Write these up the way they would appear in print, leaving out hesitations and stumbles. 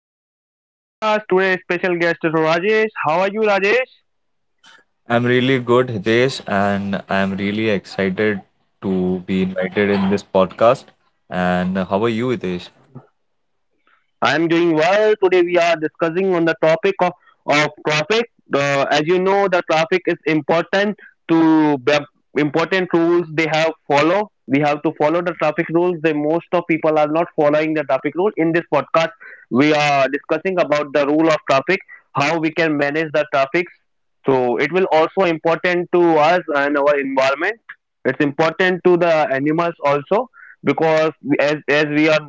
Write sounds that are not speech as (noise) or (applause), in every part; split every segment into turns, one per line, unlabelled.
host of this podcast. Today's special guest is Rajesh. How are you, Rajesh?
I'm really good, Hitesh, and I'm really excited to be invited in this podcast. And how are you, Hitesh?
I am doing well. Today we are discussing on the topic of traffic. As you know, the traffic is important to the important rules they have follow. We have to follow the traffic rules. The most of people are not following the traffic rule. In this podcast, we are discussing about the rule of traffic, how we can manage the traffic. So it will also important to us and our environment. It's important to the animals also because as we are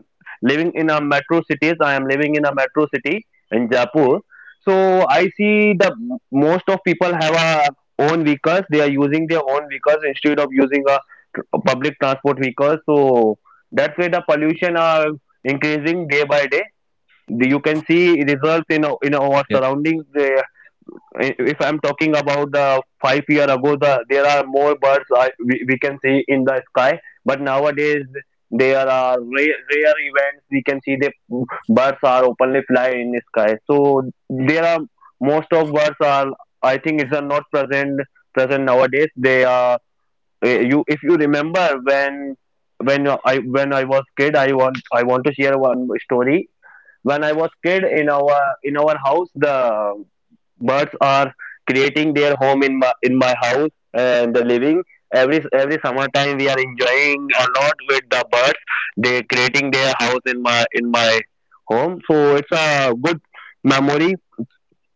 living in a metro cities. I am living in a metro city in Jaipur. So I see the most of people have a own vehicles. They are using their own vehicles instead of using a public transport vehicle. So that's why the pollution are increasing day by day. You can see results in our surroundings if I'm talking about the 5 year ago the there are more birds we can see in the sky, but nowadays there are rare events we can see the birds are openly fly in the sky. So there are most of birds are I think is are not present nowadays. They are you if you remember when when I was kid, I want to share one story. When I was kid, in our house the birds are creating their home in my house and the living, every summertime we are enjoying a lot with the birds. They creating their house in my home. So it's a good memory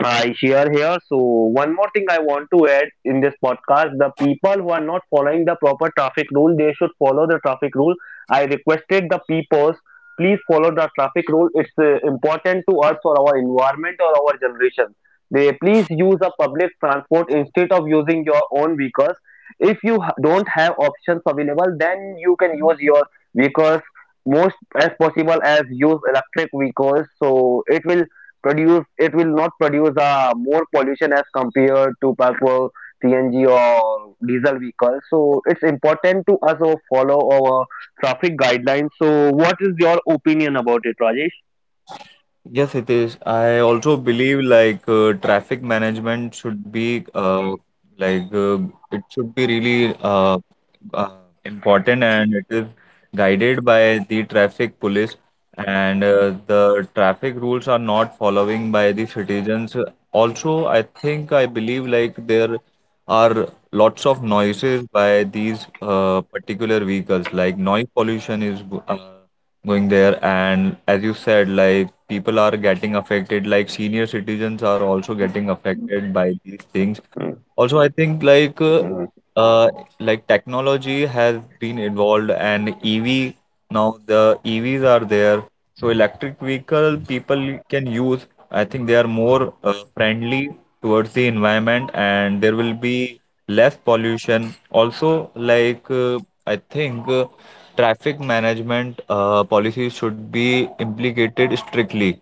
I share here. So, one more thing I want to add in this podcast, the people who are not following the proper traffic rule, they should follow the traffic rule. I requested the peoples, please follow the traffic rule. It's important to us for our environment or our generation. They please use a public transport instead of using your own vehicles. If you don't have options available, then you can use your vehicles most as possible as use electric vehicles. So, it will produce it will not produce more pollution as compared to petrol, cng or diesel vehicles. So it's important to also follow our traffic guidelines. So what is your opinion about it, Rajesh?
Yes, it is. I also believe like traffic management should be like uh, it should be really uh, important, and it is guided by the traffic police, and the traffic rules are not following by the citizens. Also, I believe like there are lots of noises by these particular vehicles, like noise pollution is uh, going there. And as you said, like people are getting affected, like senior citizens are also getting affected by these things. Also, I think
mm,
uh, technology has been involved, and EV now the EVs are there. So electric vehicle people can use. I think they are more friendly towards the environment, and there will be less pollution. Also, like I think traffic management policies should be implicated strictly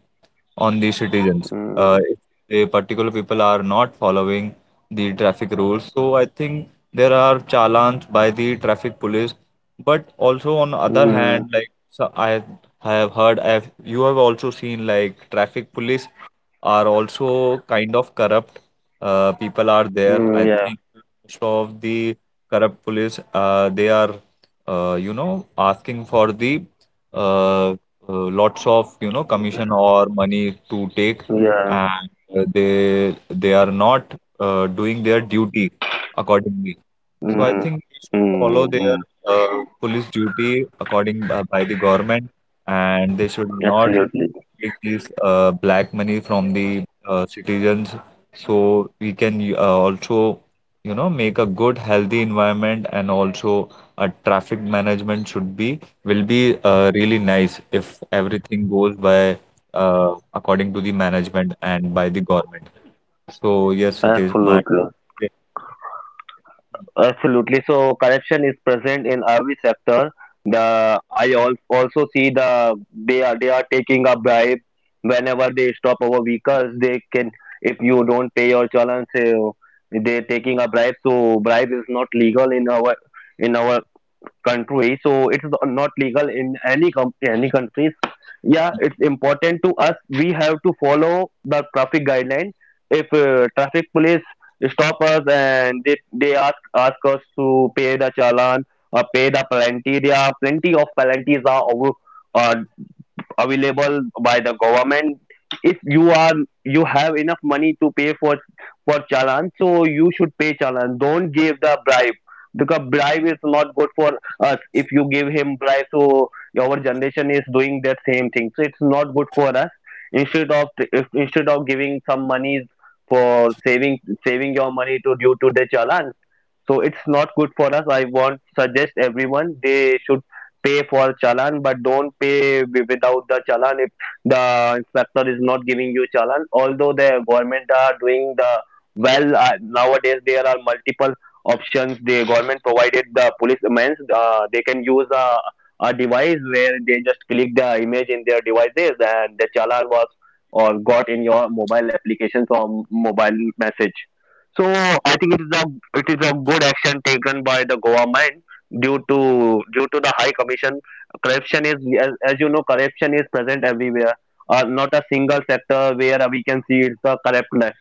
on the citizens.
mm,
The particular people are not following the traffic rules. So I think there are challans by the traffic police. But also on the other
mm,
hand, like, so I have heard. I have You have also seen like traffic police are also kind of corrupt. People are there. I
yeah,
think most of the corrupt police, they are, you know, asking for the uh, uh, lots of commission or money to take.
yeah,
And they are not doing their duty accordingly. So I
mm,
think they should follow
mm,
their
mm,
police duty according by the government, and they should not
absolutely,
take these black money from the citizens. So we can also, you know, make a good, healthy environment, and also a traffic management should be will be really nice if everything goes by according to the management and by the government. So yes, it is my.
absolutely. Absolutely. So corruption is present in every sector. The I also see the they are taking a bribe whenever they stop our vehicles. They can if you don't pay your challan, say they're taking a bribe. So bribe is not legal in our country. So it's not legal in any any countries. Yeah, it's important to us. We have to follow the traffic guideline if traffic police stop us and they ask us to pay the challan or pay the penalty. There are plenty of penalties are over uh, available by the government. If you are you have enough money to pay for challan, so you should pay challan. Don't give the bribe because bribe is not good for us. If you give him bribe, so our generation is doing that same thing. So it's not good for us instead of if, instead of giving some monies for saving saving your money to due to the challan so it's not good for us. I want suggest everyone they should pay for challan, but don't pay without the challan if the inspector is not giving you challan. Although the government are doing the well, nowadays there are multiple options. The government provided the policemen, they can use a device where they just click the image in their devices and the challan was or got in your mobile applications or mobile message. So I think it is a good action taken by the government due to due to the high commission. Corruption is as you know, corruption is present everywhere. Not a single sector where we can see it's a corrupt.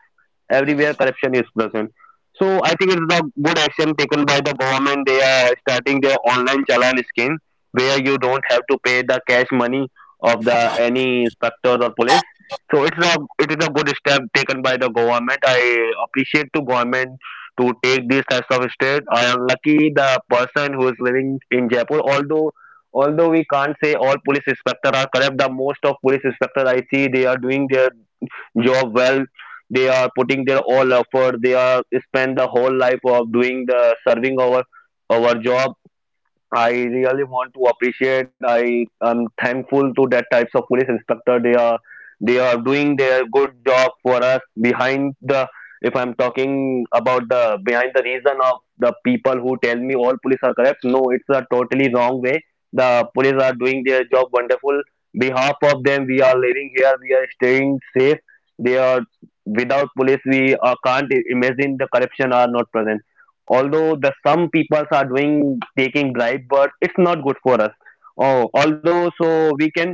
Everywhere corruption is present. So I think it's a good action taken by the government. They are starting their online challan scheme where you don't have to pay the cash money of the any inspector or police. So it's a it is a good step taken by the government. I appreciate to government to take this types of step. I am lucky the person who is living in Jaipur, although we can't say all police inspector are corrupt, the most of police inspector I see they are doing their job well. They are putting their all effort. They are spend the whole life of doing the serving our job. I really want to appreciate. I am thankful to that types of police inspector. They are doing their good job for us behind the. If I'm talking about the behind the reason of the people who tell me all police are corrupt, no, it's a totally wrong way. The police are doing their job wonderful. Behalf of them, we are living here. We are staying safe. They are without police. We can't imagine the corruption are not present. Although the some people are doing taking bribe, but it's not good for us. Oh, although, so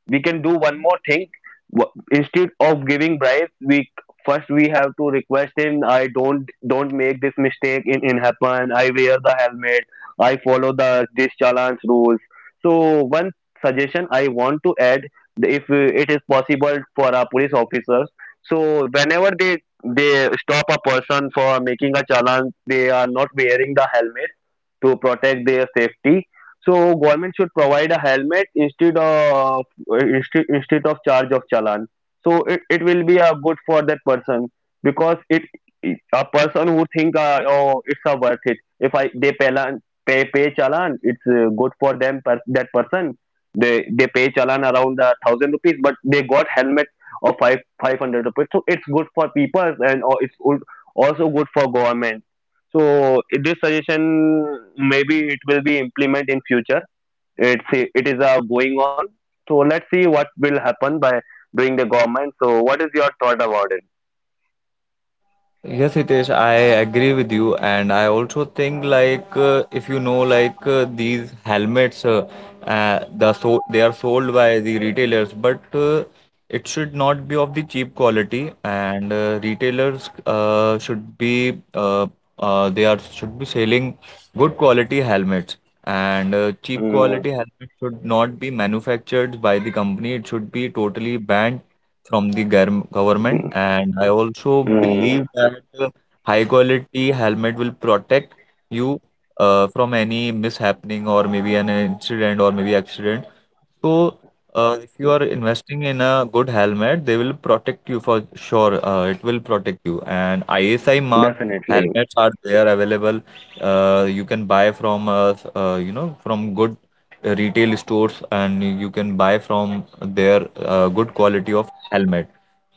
we can do one more thing. Instead of giving bribes, we first we have to request him. I don't make this mistake in happen. I wear the helmet. I follow the this challenge rules. So one suggestion I want to add, if it is possible for our police officers, so whenever they stop a person for making a challan, they are not wearing the helmet to protect their safety. So government should provide a helmet instead of instead of charge of challan. So it will be a good for that person because it a person who think oh, it's a worth it. If I they pay pay challan, it's good for them, per that person. They pay challan around a thousand rupees but they got helmet or five 500 rupees. So it's good for people and or it's also good for government. So this suggestion, maybe it will be implement in future. It is going on. So let's see what will happen by doing the government. So what is your thought about it?
Yes, Hitesh, I agree with you, and I also think like if you know like these helmets, the so they are sold by the retailers, but it should not be of the cheap quality, and retailers should be they are should be selling good quality helmets, and cheap
mm,
quality helmet should not be manufactured by the company. It should be totally banned from the government.
mm,
And I also
mm,
believe that high quality helmet will protect you from any mishappening, or maybe an incident, or maybe accident. So if you are investing in a good helmet, they will protect you for sure. It will protect you. And ISI marked
Definitely.
helmets are there available. You can buy from you know, from good retail stores, and you can buy from their good quality of helmet.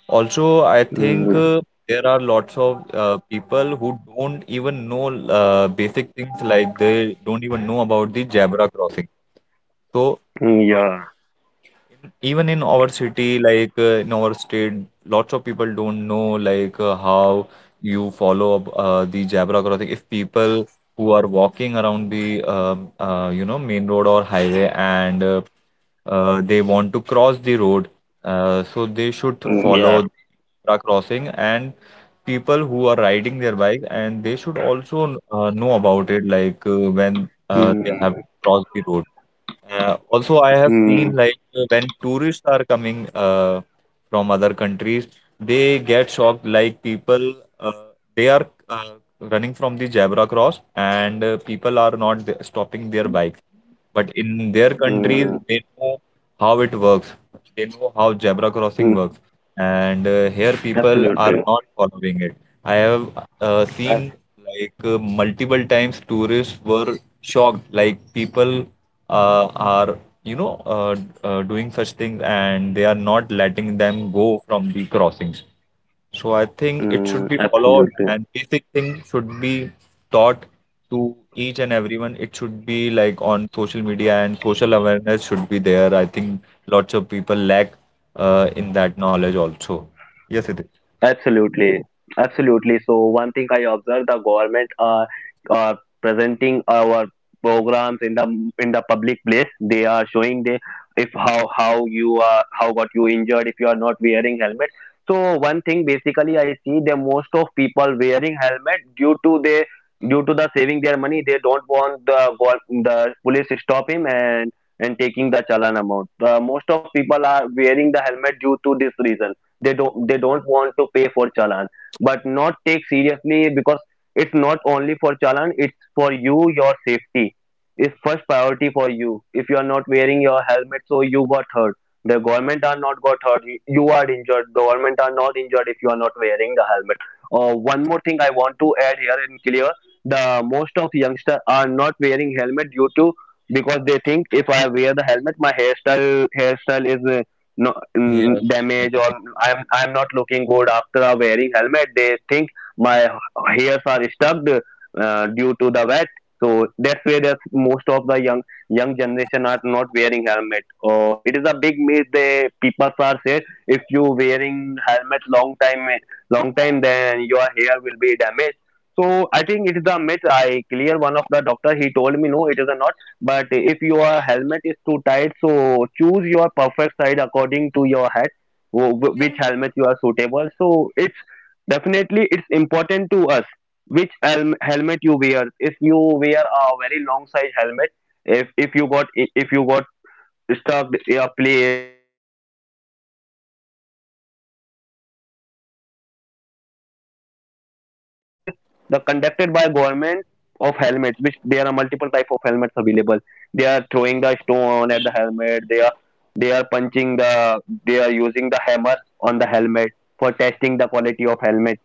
Also, I think
mm,
there are lots of people who don't even know basic things, like they don't even know about the zebra crossing. So
yeah.
even in our city, in our state, lots of people don't know how you follow up the zebra crossing. If people who are walking around the you know, main road or highway, and they want to cross the road, so they should follow
Yeah.
zebra crossing. And people who are riding their bike, and they should also know about it, like when they have
mm,
crossed the road. Also, I have seen
mm,
when tourists are coming from other countries, they get shocked. Like people, uh, they are running from the zebra cross, and people are not stopping their bikes. But in their countries,
mm,
they know how it works. They know how zebra crossing
mm,
works, and here people are
Absolutely.
not following it. I have seen
Ab-
multiple times tourists were shocked, like people are, you know, doing such things, and they are not letting them go from the crossings. So I think it should be followed,
Absolutely.
and basic thing should be taught to each and everyone. It should be like on social media, and social awareness should be there. I think lots of people lack in that knowledge also. Yes, it is.
Absolutely, absolutely. So one thing I observe the government are presenting our programs in the public place. They are showing the if how you are how got you injured if you are not wearing helmet. So one thing basically I see the most of people wearing helmet due to they due to the saving their money. They don't want the the police to stop him and taking the challan amount. The most of people are wearing the helmet due to this reason. They don't want to pay for challan, but not take seriously because it's not only for challan, it's for you. Your safety is first priority for you. If you are not wearing your helmet, so you got hurt. The government are not got hurt. You are injured. The government are not injured if you are not wearing the helmet. One more thing I want to add here and clear, the most of youngsters are not wearing helmet due to because they think if I wear the helmet, my hairstyle is no
Yes,
damage, or
exactly.
I'm not looking good after wearing helmet. They think my hairs are stuck due to the wet. So that's where there's most of the young generation are not wearing helmet, or it is a big myth. They people are said, if you wearing helmet long time, long time, then your hair will be damaged. So I think it is a myth. I clear one of the doctor, he told me no, it is a not. But if your helmet is too tight, so choose your perfect size according to your head, wh- which helmet you are suitable. So it's definitely it's important to us which helmet you wear. If you wear a very long size helmet, if you got stuff a place whenever the someone is throwing the stones or everyone, they there are multiple tests the conducted by government of helmets, which there are multiple type of helmets available. They are throwing the stone at the helmet. They are they are punching the, they are using the hammer on the helmet for testing the quality of helmet.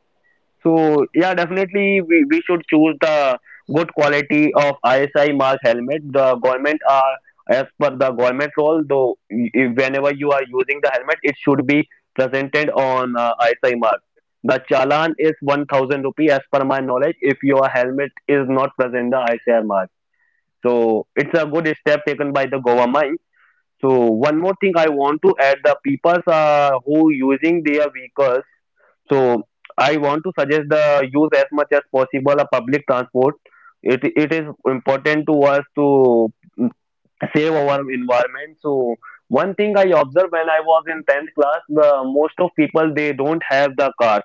So yeah, definitely we should Choose the good quality of ISI mark helmet. The government are, as per the government role, though whenever you are using the helmet, it should be presented on ISI mark. The challan is 1000 rupee as per my knowledge if your helmet is not present the ISI mark. So it's a good step taken by the government. So one more thing I want to add, the people who using their vehicles, so I want to suggest the use as much as possible a public transport. It is important to us to mm, save our environment. So one thing I observed, when I was in 10th class, the most of people they don't have the car.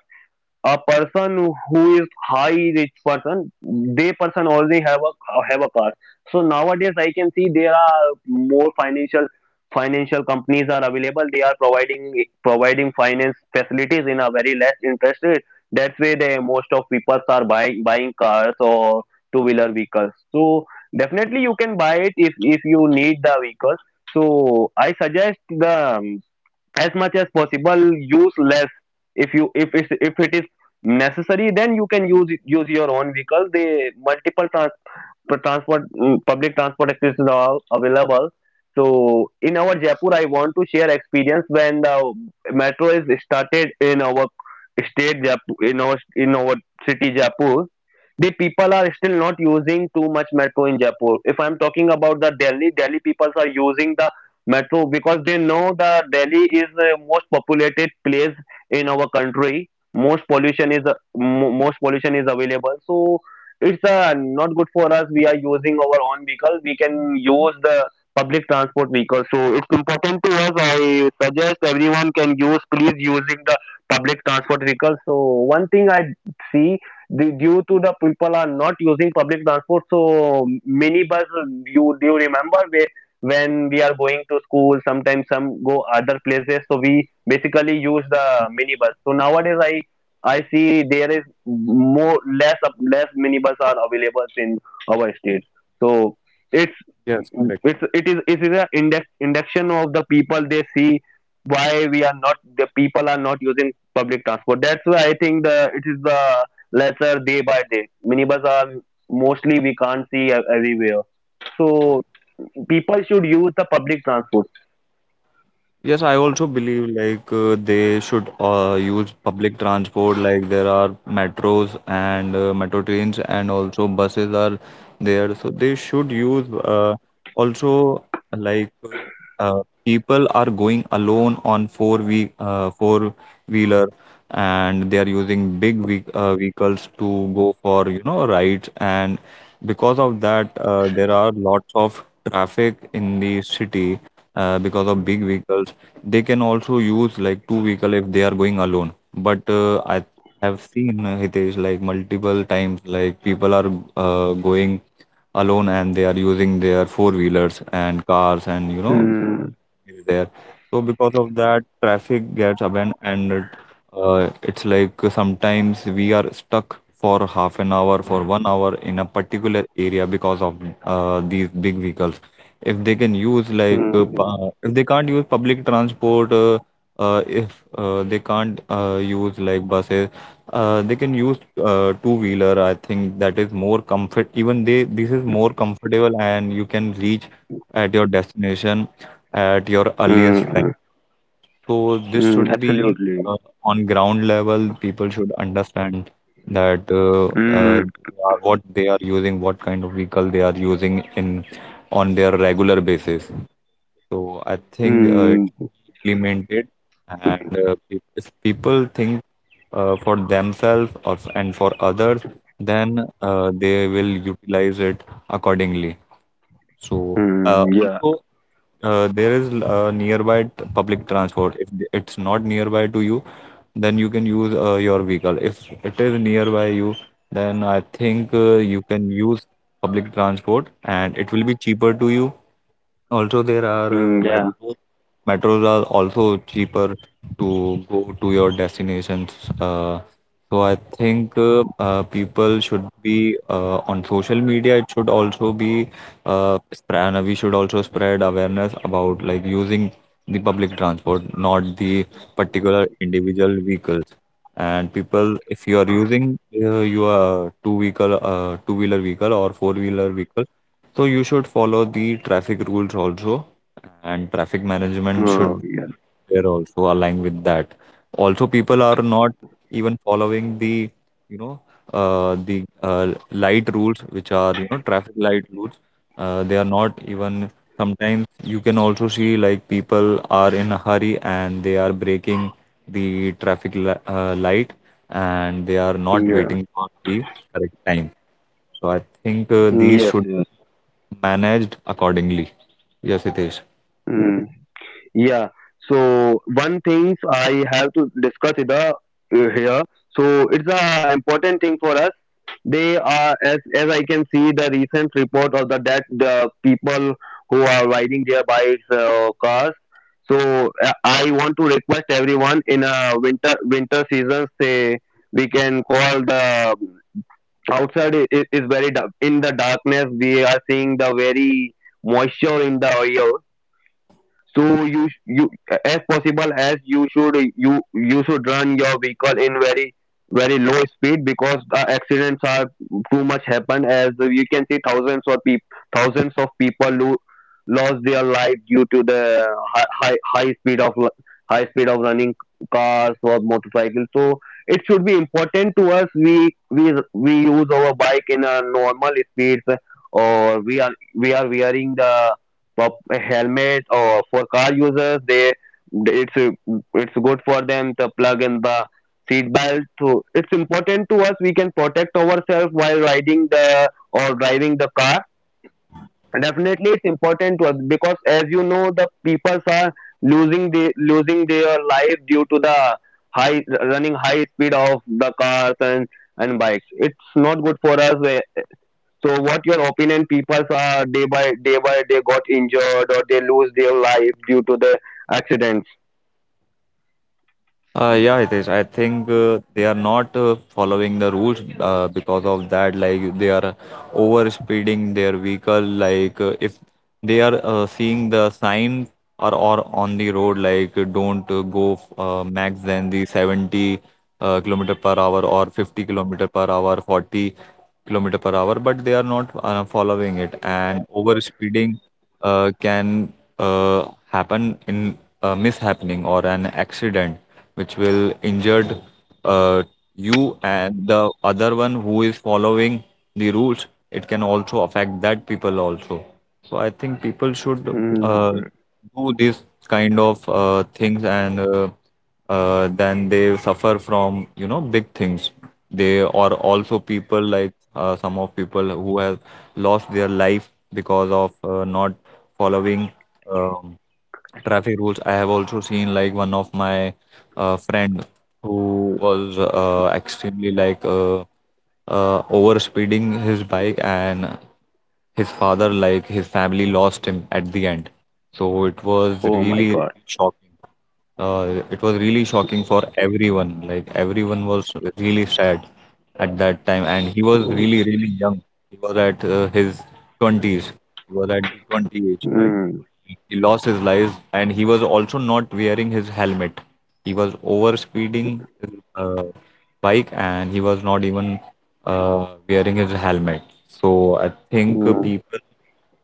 A person who is high rich person, they person already have a car. So nowadays I can see there are more financial companies are available. They are providing finance facilities in a very less interest rate. That's why they most of people are buying cars or two wheeler vehicles. So definitely you can buy it if you need the vehicles. So I suggest the, as much as possible, use less. If you if it is necessary, then you can use your own vehicle. The multiple public transport access is all available. So in our Jaipur I want to share experience when the metro is started in our state Jaipur, in our city Jaipur, the people are still not using too much metro in Jaipur. If I'm talking about the Delhi, Delhi people are using the metro, because they know the Delhi is the most populated place in our country. Most pollution is available. So it's not good for us. We are using our own vehicle. We can use the public transport vehicle. So it's important to us. I suggest everyone can use, please using the public transport vehicle. So one thing I see, the, due to the people are not using public transport, so mini bus. You Do you remember where when we are going to school sometimes some go other places, so we basically use the minibus. So nowadays I see there is more, less minibus are available in our state. So it's it is a index, induction of the people. They see why we are not, the people are not using public transport. That's why I think the it is the lesser day by day. Minibus are mostly we can't see everywhere. So people should use the public transport.
Yes, I also believe like they should use public transport. Like there are metros, and metro trains, and also buses are there. So they should use also, like people are going alone on four wheeler, and they are using big ve vehicles to go for, you know, rides. And because of that, there are lots of traffic in the city because of big vehicles. They can also use like two vehicle if they are going alone. But I have seen, Hitesh, like multiple times, like people are going alone, and they are using their four wheelers and cars, and you know
Hmm.
is there. So because of that, traffic gets abandoned, and it's like sometimes we are stuck for half an hour, for 1 hour, in a particular area because of these big vehicles. If they can use like
Hmm.
if they can't use public transport, if they can't use like buses, they can use two-wheeler. I think that is more comfort. Even they This is more comfortable, and you can reach at your destination at your earliest time.
Hmm.
So this
Hmm.
should be
Absolutely.
uh, on ground level. People should understand that
Mm,
what they are using, what kind of vehicle they are using in on their regular basis. So I think it
mm.
implemented, and if people think for themselves, and for others, then they will utilize it accordingly. So
Mm, yeah.
also, there is nearby public transport. If it's not nearby to you, then you can use your vehicle. If it is nearby you, then I think you can use public transport, and it will be cheaper to you. Also, there are
Mm, yeah.
metros. Metros are also cheaper to go to your destinations. Uh, so I think people should be on social media. It should also be spread. We should also spread awareness about like using the public transport, not the particular individual vehicles. And people, if you are using your two wheeler vehicle or four wheeler vehicle, so you should follow the traffic rules also, and traffic management should
Oh, yeah.
be there also align with that. Also, people are not even following the, you know, the light rules, which are, you know, traffic light rules. They are not even, sometimes you can also see like people are in a hurry, and they are breaking the traffic li light, and they are not
Yeah.
waiting for the correct time. So I think
Mm,
these
yes,
should
yes.
managed accordingly. Yes, Hitesh.
Mm, yeah. So one things I have to discuss it, here. So it's a important thing for us. They are, as I can see the recent report of the that the people who are riding their bikes cars. So I want to request everyone, in a winter season, say we can call the outside, is very dark, in the darkness we are seeing the very moisture in the air. So you you, as possible as you should, you should run your vehicle in very very low speed, because the accidents are too much happen. As you can see, thousands of people who lost their life due to the high, high high speed of lu- high speed of running cars or motorcycles. So it should be important to us, we use our bike in a normal speeds, or we are wearing the helmet, or for car users, they, it's it's good for them to plug in the seat belt. So it's important to us, we can protect ourselves while riding the or driving the car. Definitely it's important to us, because as you know the people are losing their life due to the high, running high speed of the cars and bikes. It's not good for us. So what your opinion? People are day by day by, they got injured or they lose their life due to the accidents.
Yeah, Hitesh. I think they are not following the rules because of that. Like they are over speeding their vehicle. Like if they are seeing the sign or on the road, like don't go max than the 70 kilometer per hour, or 50 kilometer per hour, 40 kilometer per hour. But they are not following it and over speeding. Can happen in a mishappening or an accident, which will injured uh, you and the other one who is following the rules. It can also affect that people also. So I think people should
Mm.
do this kind of things, and then they suffer from, you know, big things. They are also people like some of people who have lost their life because of not following um, traffic rules. I have also seen like one of my friend, who was extremely like over speeding his bike, and his father, like his family lost him at the end. So it was
Oh my
really,
God.
really shocking. It was really shocking for everyone. Like everyone was really sad at that time, and he was really, really young. He was at his 20s. He was at the 20 age.
Mm.
He lost his life, and he was also not wearing his helmet. He was over speeding his bike, and he was not even wearing his helmet. So I think
Mm.
people,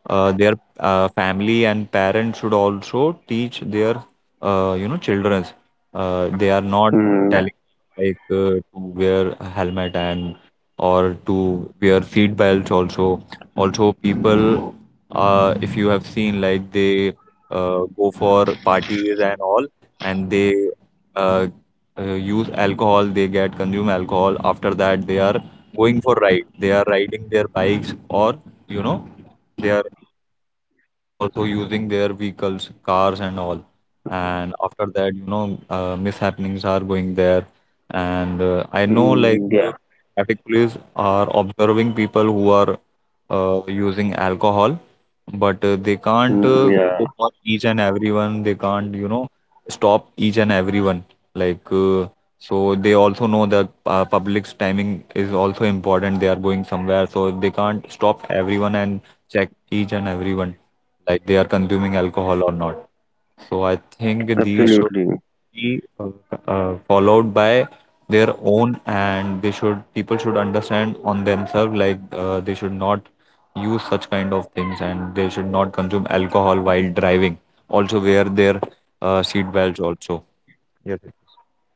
their family and parents should also teach their you know, children's, they are not
Mm. Yeah.
telling, like to wear a helmet, and or to wear seat belts also. Also, people, if you have seen, like, they go for parties and all, and they uh, use alcohol, they get consume alcohol. After that, they are going for ride. They are riding their bikes, or, you know, they are they're also using their vehicles, cars, and all. And after that, you know, mishappenings are going there. And I know, like
Mm. Yeah.
traffic police are observing people who are using alcohol, but they can't
Mm. Yeah.
go for each and everyone. They can't, you know, stop each and everyone. Like, uh, so they also know that public's timing is also important. They are going somewhere, so they can't stop everyone and check each and everyone, like they are consuming alcohol or not. So I think these should
Absolutely.
be followed by their own, and they should people should understand on themselves, like they should not use such kind of things, and they should not consume alcohol while driving. Also wear their seat belts also. Yes.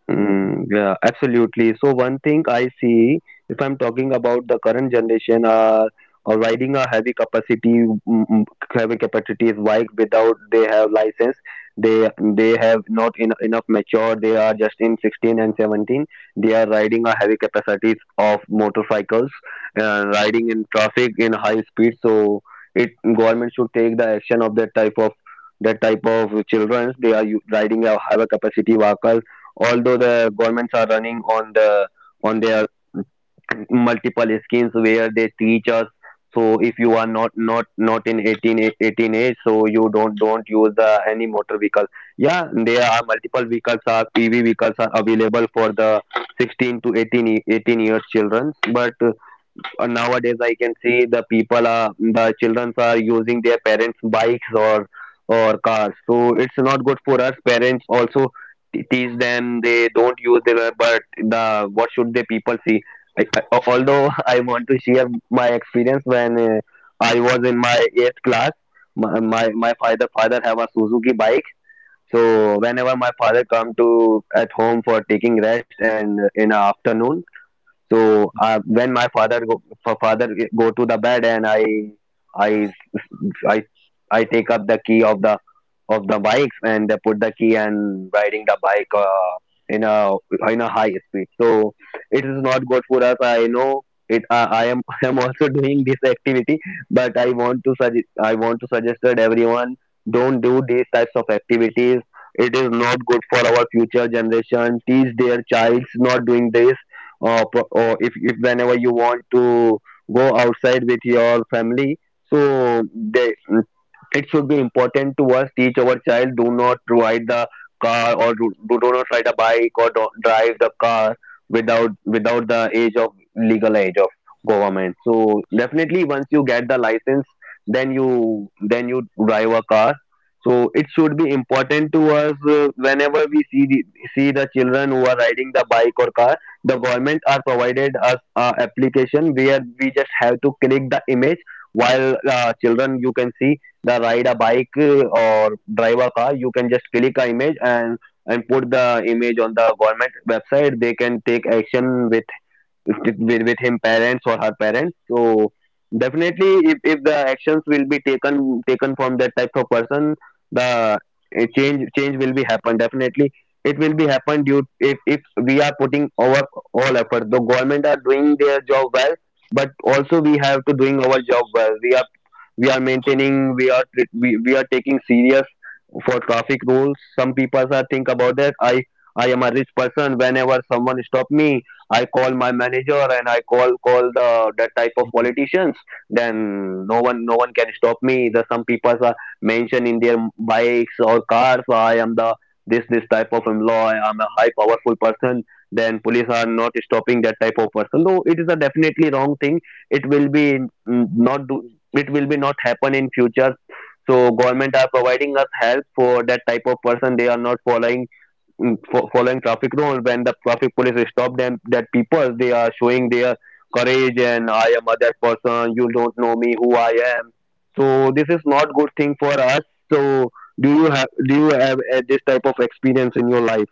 Mm, yeah, absolutely. So one thing I see, if I'm talking about the current generation, are or riding a heavy capacity, mm, mm, heavy capacities bike without they have license. They they have not en enough mature. They are just in 16 and 17. They are riding a heavy capacities of motorcycles and riding in traffic in high speed. So it, government should take the action of that type of children. They are riding a heavy capacity vehicles. Although the governments are running on the, on their (clears throat) multiple schemes where they teach us. So if you are not in 18 18 age, so you don't use the any motor vehicle. Yeah, there are multiple vehicles are pv vehicles are available for the 16 to 18 18 years children. But nowadays I can see the children are using their parents' bikes or cars. So it's not good for us. Parents also teach them, they don't use their, but the what should the people see? Although (laughs) I want to share my experience when I was in my eighth class, my father have a Suzuki bike. So whenever my father come to at home for taking rest and in the afternoon, so when my father father go to the bed, and I I I take up the key of the bikes and put the key and riding the bike in a in a high speed. So it is not good for us. I know it. I am (laughs) I am also doing this activity, but I want to suggest, that everyone don't do these types of activities. It is not good for our future generation. Teach their childs not doing this. Or, or, if whenever you want to go outside with your family, so they, it should be important to us teach our child do not ride the car or do not ride a bike or don't drive the car without the age of, legal age of government. So definitely once you get the license, then you drive a car. So it should be important to us, whenever we see the children who are riding the bike or car, the government are provided us a application where we just have to click the image, while children you can see the ride a bike or drive a car, you can just click a image and put the image on the government website, they can take action with with him parents or her parents. So definitely, if the actions will be taken from that type of person, the change will be happen. Definitely it will be happen due, if we are putting our all effort. The government are doing their job well, but also we have to doing our job well. We are maintaining, we are tre- we are taking serious for traffic rules. Some people are think about that, I am a rich person, whenever someone stop me I call my manager and I call the that type of politicians, then no one can stop me. The some people are mentioned in their bikes or cars, I am the this type of employee. I'm a high powerful person. Then police are not stopping that type of person. Though it is a definitely wrong thing. It will be not do. It will be not happen in future. So government are providing us help for that type of person. They are not following, following traffic rules, when the traffic police stop them, that people they are showing their courage, and I am other person you don't know me who I am. So this is not good thing for us. So do you have this type of experience in your life?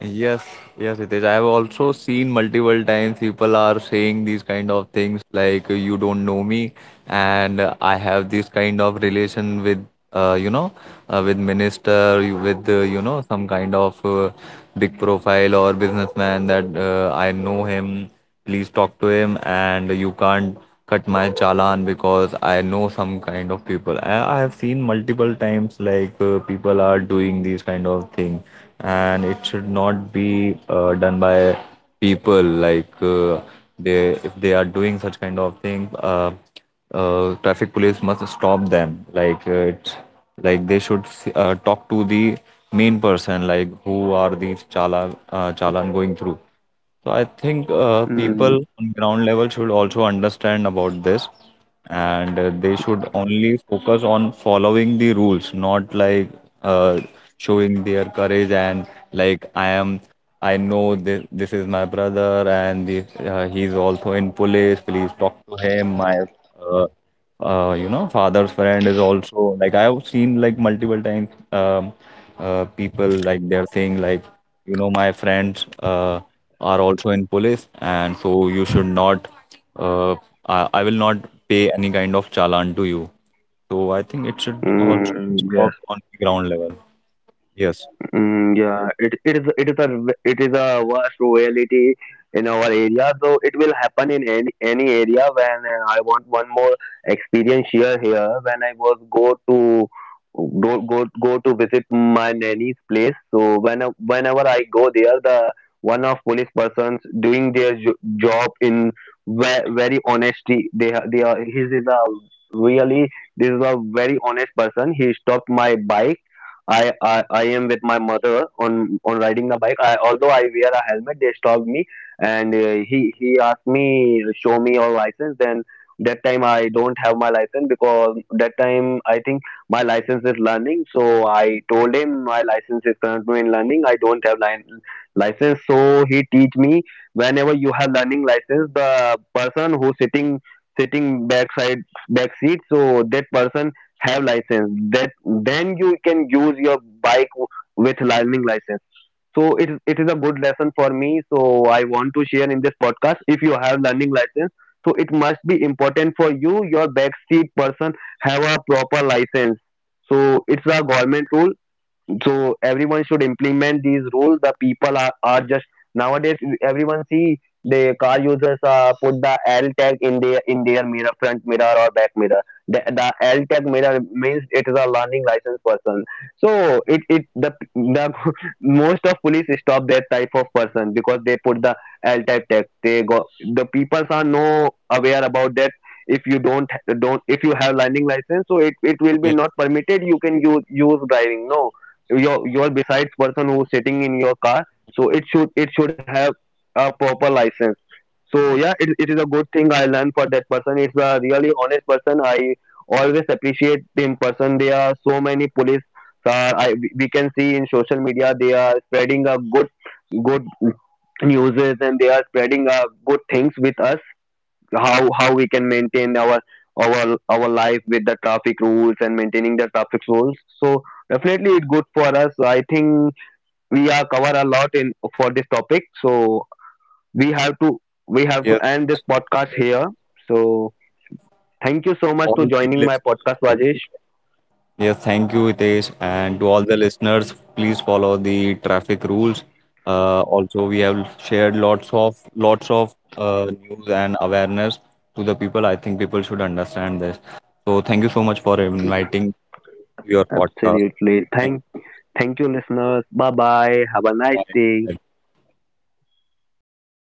Yes, yes, it is. I have also seen multiple times people are saying these kind of things, like, you don't know me, and I have this kind of relation with you know, with minister, with you know, some kind of big profile or businessman, that I know him, please talk to him, and you can't cut my challan because I know some kind of people. I have seen multiple times, like people are doing these kind of thing, and it should not be done by people, like they, if they are doing such kind of thing, traffic police must stop them. Like it's like they should talk to the main person, like, who are these chalan going through. So I think people
Mm.
on ground level should also understand about this, and they should only focus on following the rules, not like uh, showing their courage, and like, I know this, this is my brother, and he's also in police. Please talk to him. My uh, you know, father's friend is also, like I have seen like multiple times, people, like they're saying, like, you know, my friends are also in police, and so you should not. Uh, I will not pay any kind of challan to you. So I think it should also
Mm.
stop on the ground level. Yes.
Mm, yeah, it, it is a vast reality in our area. So it will happen in any area. When I want one more experience here, when I was go to go go go to visit my nanny's place. So when whenever I go there, the one of police persons doing their job in very honesty. They are his is a really, this is a very honest person. He stopped my bike, I am with my mother, on riding the bike. I, although I wear a helmet, they stopped me, and he asked me, show me your license. Then that time I don't have my license, because that time I think my license is learning. So I told him my license is currently in learning. I don't have license. So he teach me, whenever you have learning license, the person who sitting backside, back seat, so that person have license, that then you can use your bike with learning license. So it is a good lesson for me, so I want to share in this podcast, if you have learning license, so it must be important for you, your backseat person have a proper license. So it's a government rule, so everyone should implement these rules. The people are just nowadays, everyone see the car users put the L tag in their mirror, front mirror or back mirror. The L tag mirror means it is a learning license person. So it the (laughs) most of police stop that type of person, because they put the L type tag, they go, the people are no aware about that. If you don't if you have learning license, so it will be
Yeah.
not permitted, you can use driving no, your besides person who's sitting in your car, so it should have a proper license. So yeah, it is a good thing I learned for that person. It's a really honest person, I always appreciate in person. There are so many police, I, we can see in social media, they are spreading a good, good news, and they are spreading good things with us, how we can maintain our life with the traffic rules and maintaining the traffic rules. So definitely it's good for us, I think we are cover a lot in for this topic. So we have to we have to
Yes.
end
Yes.
this podcast here. So thank you so much to
All the
joining my
listeners.
podcast,
Yes.
Rajesh.
Yes, thank you, Hitesh. And to all the listeners, please follow the traffic rules. Also, we have shared lots of news and awareness to the people. I think people should understand this. So, thank you so much for inviting your podcast.
Absolutely,
I,
thank you listeners, bye bye, have a
I,
nice day.
I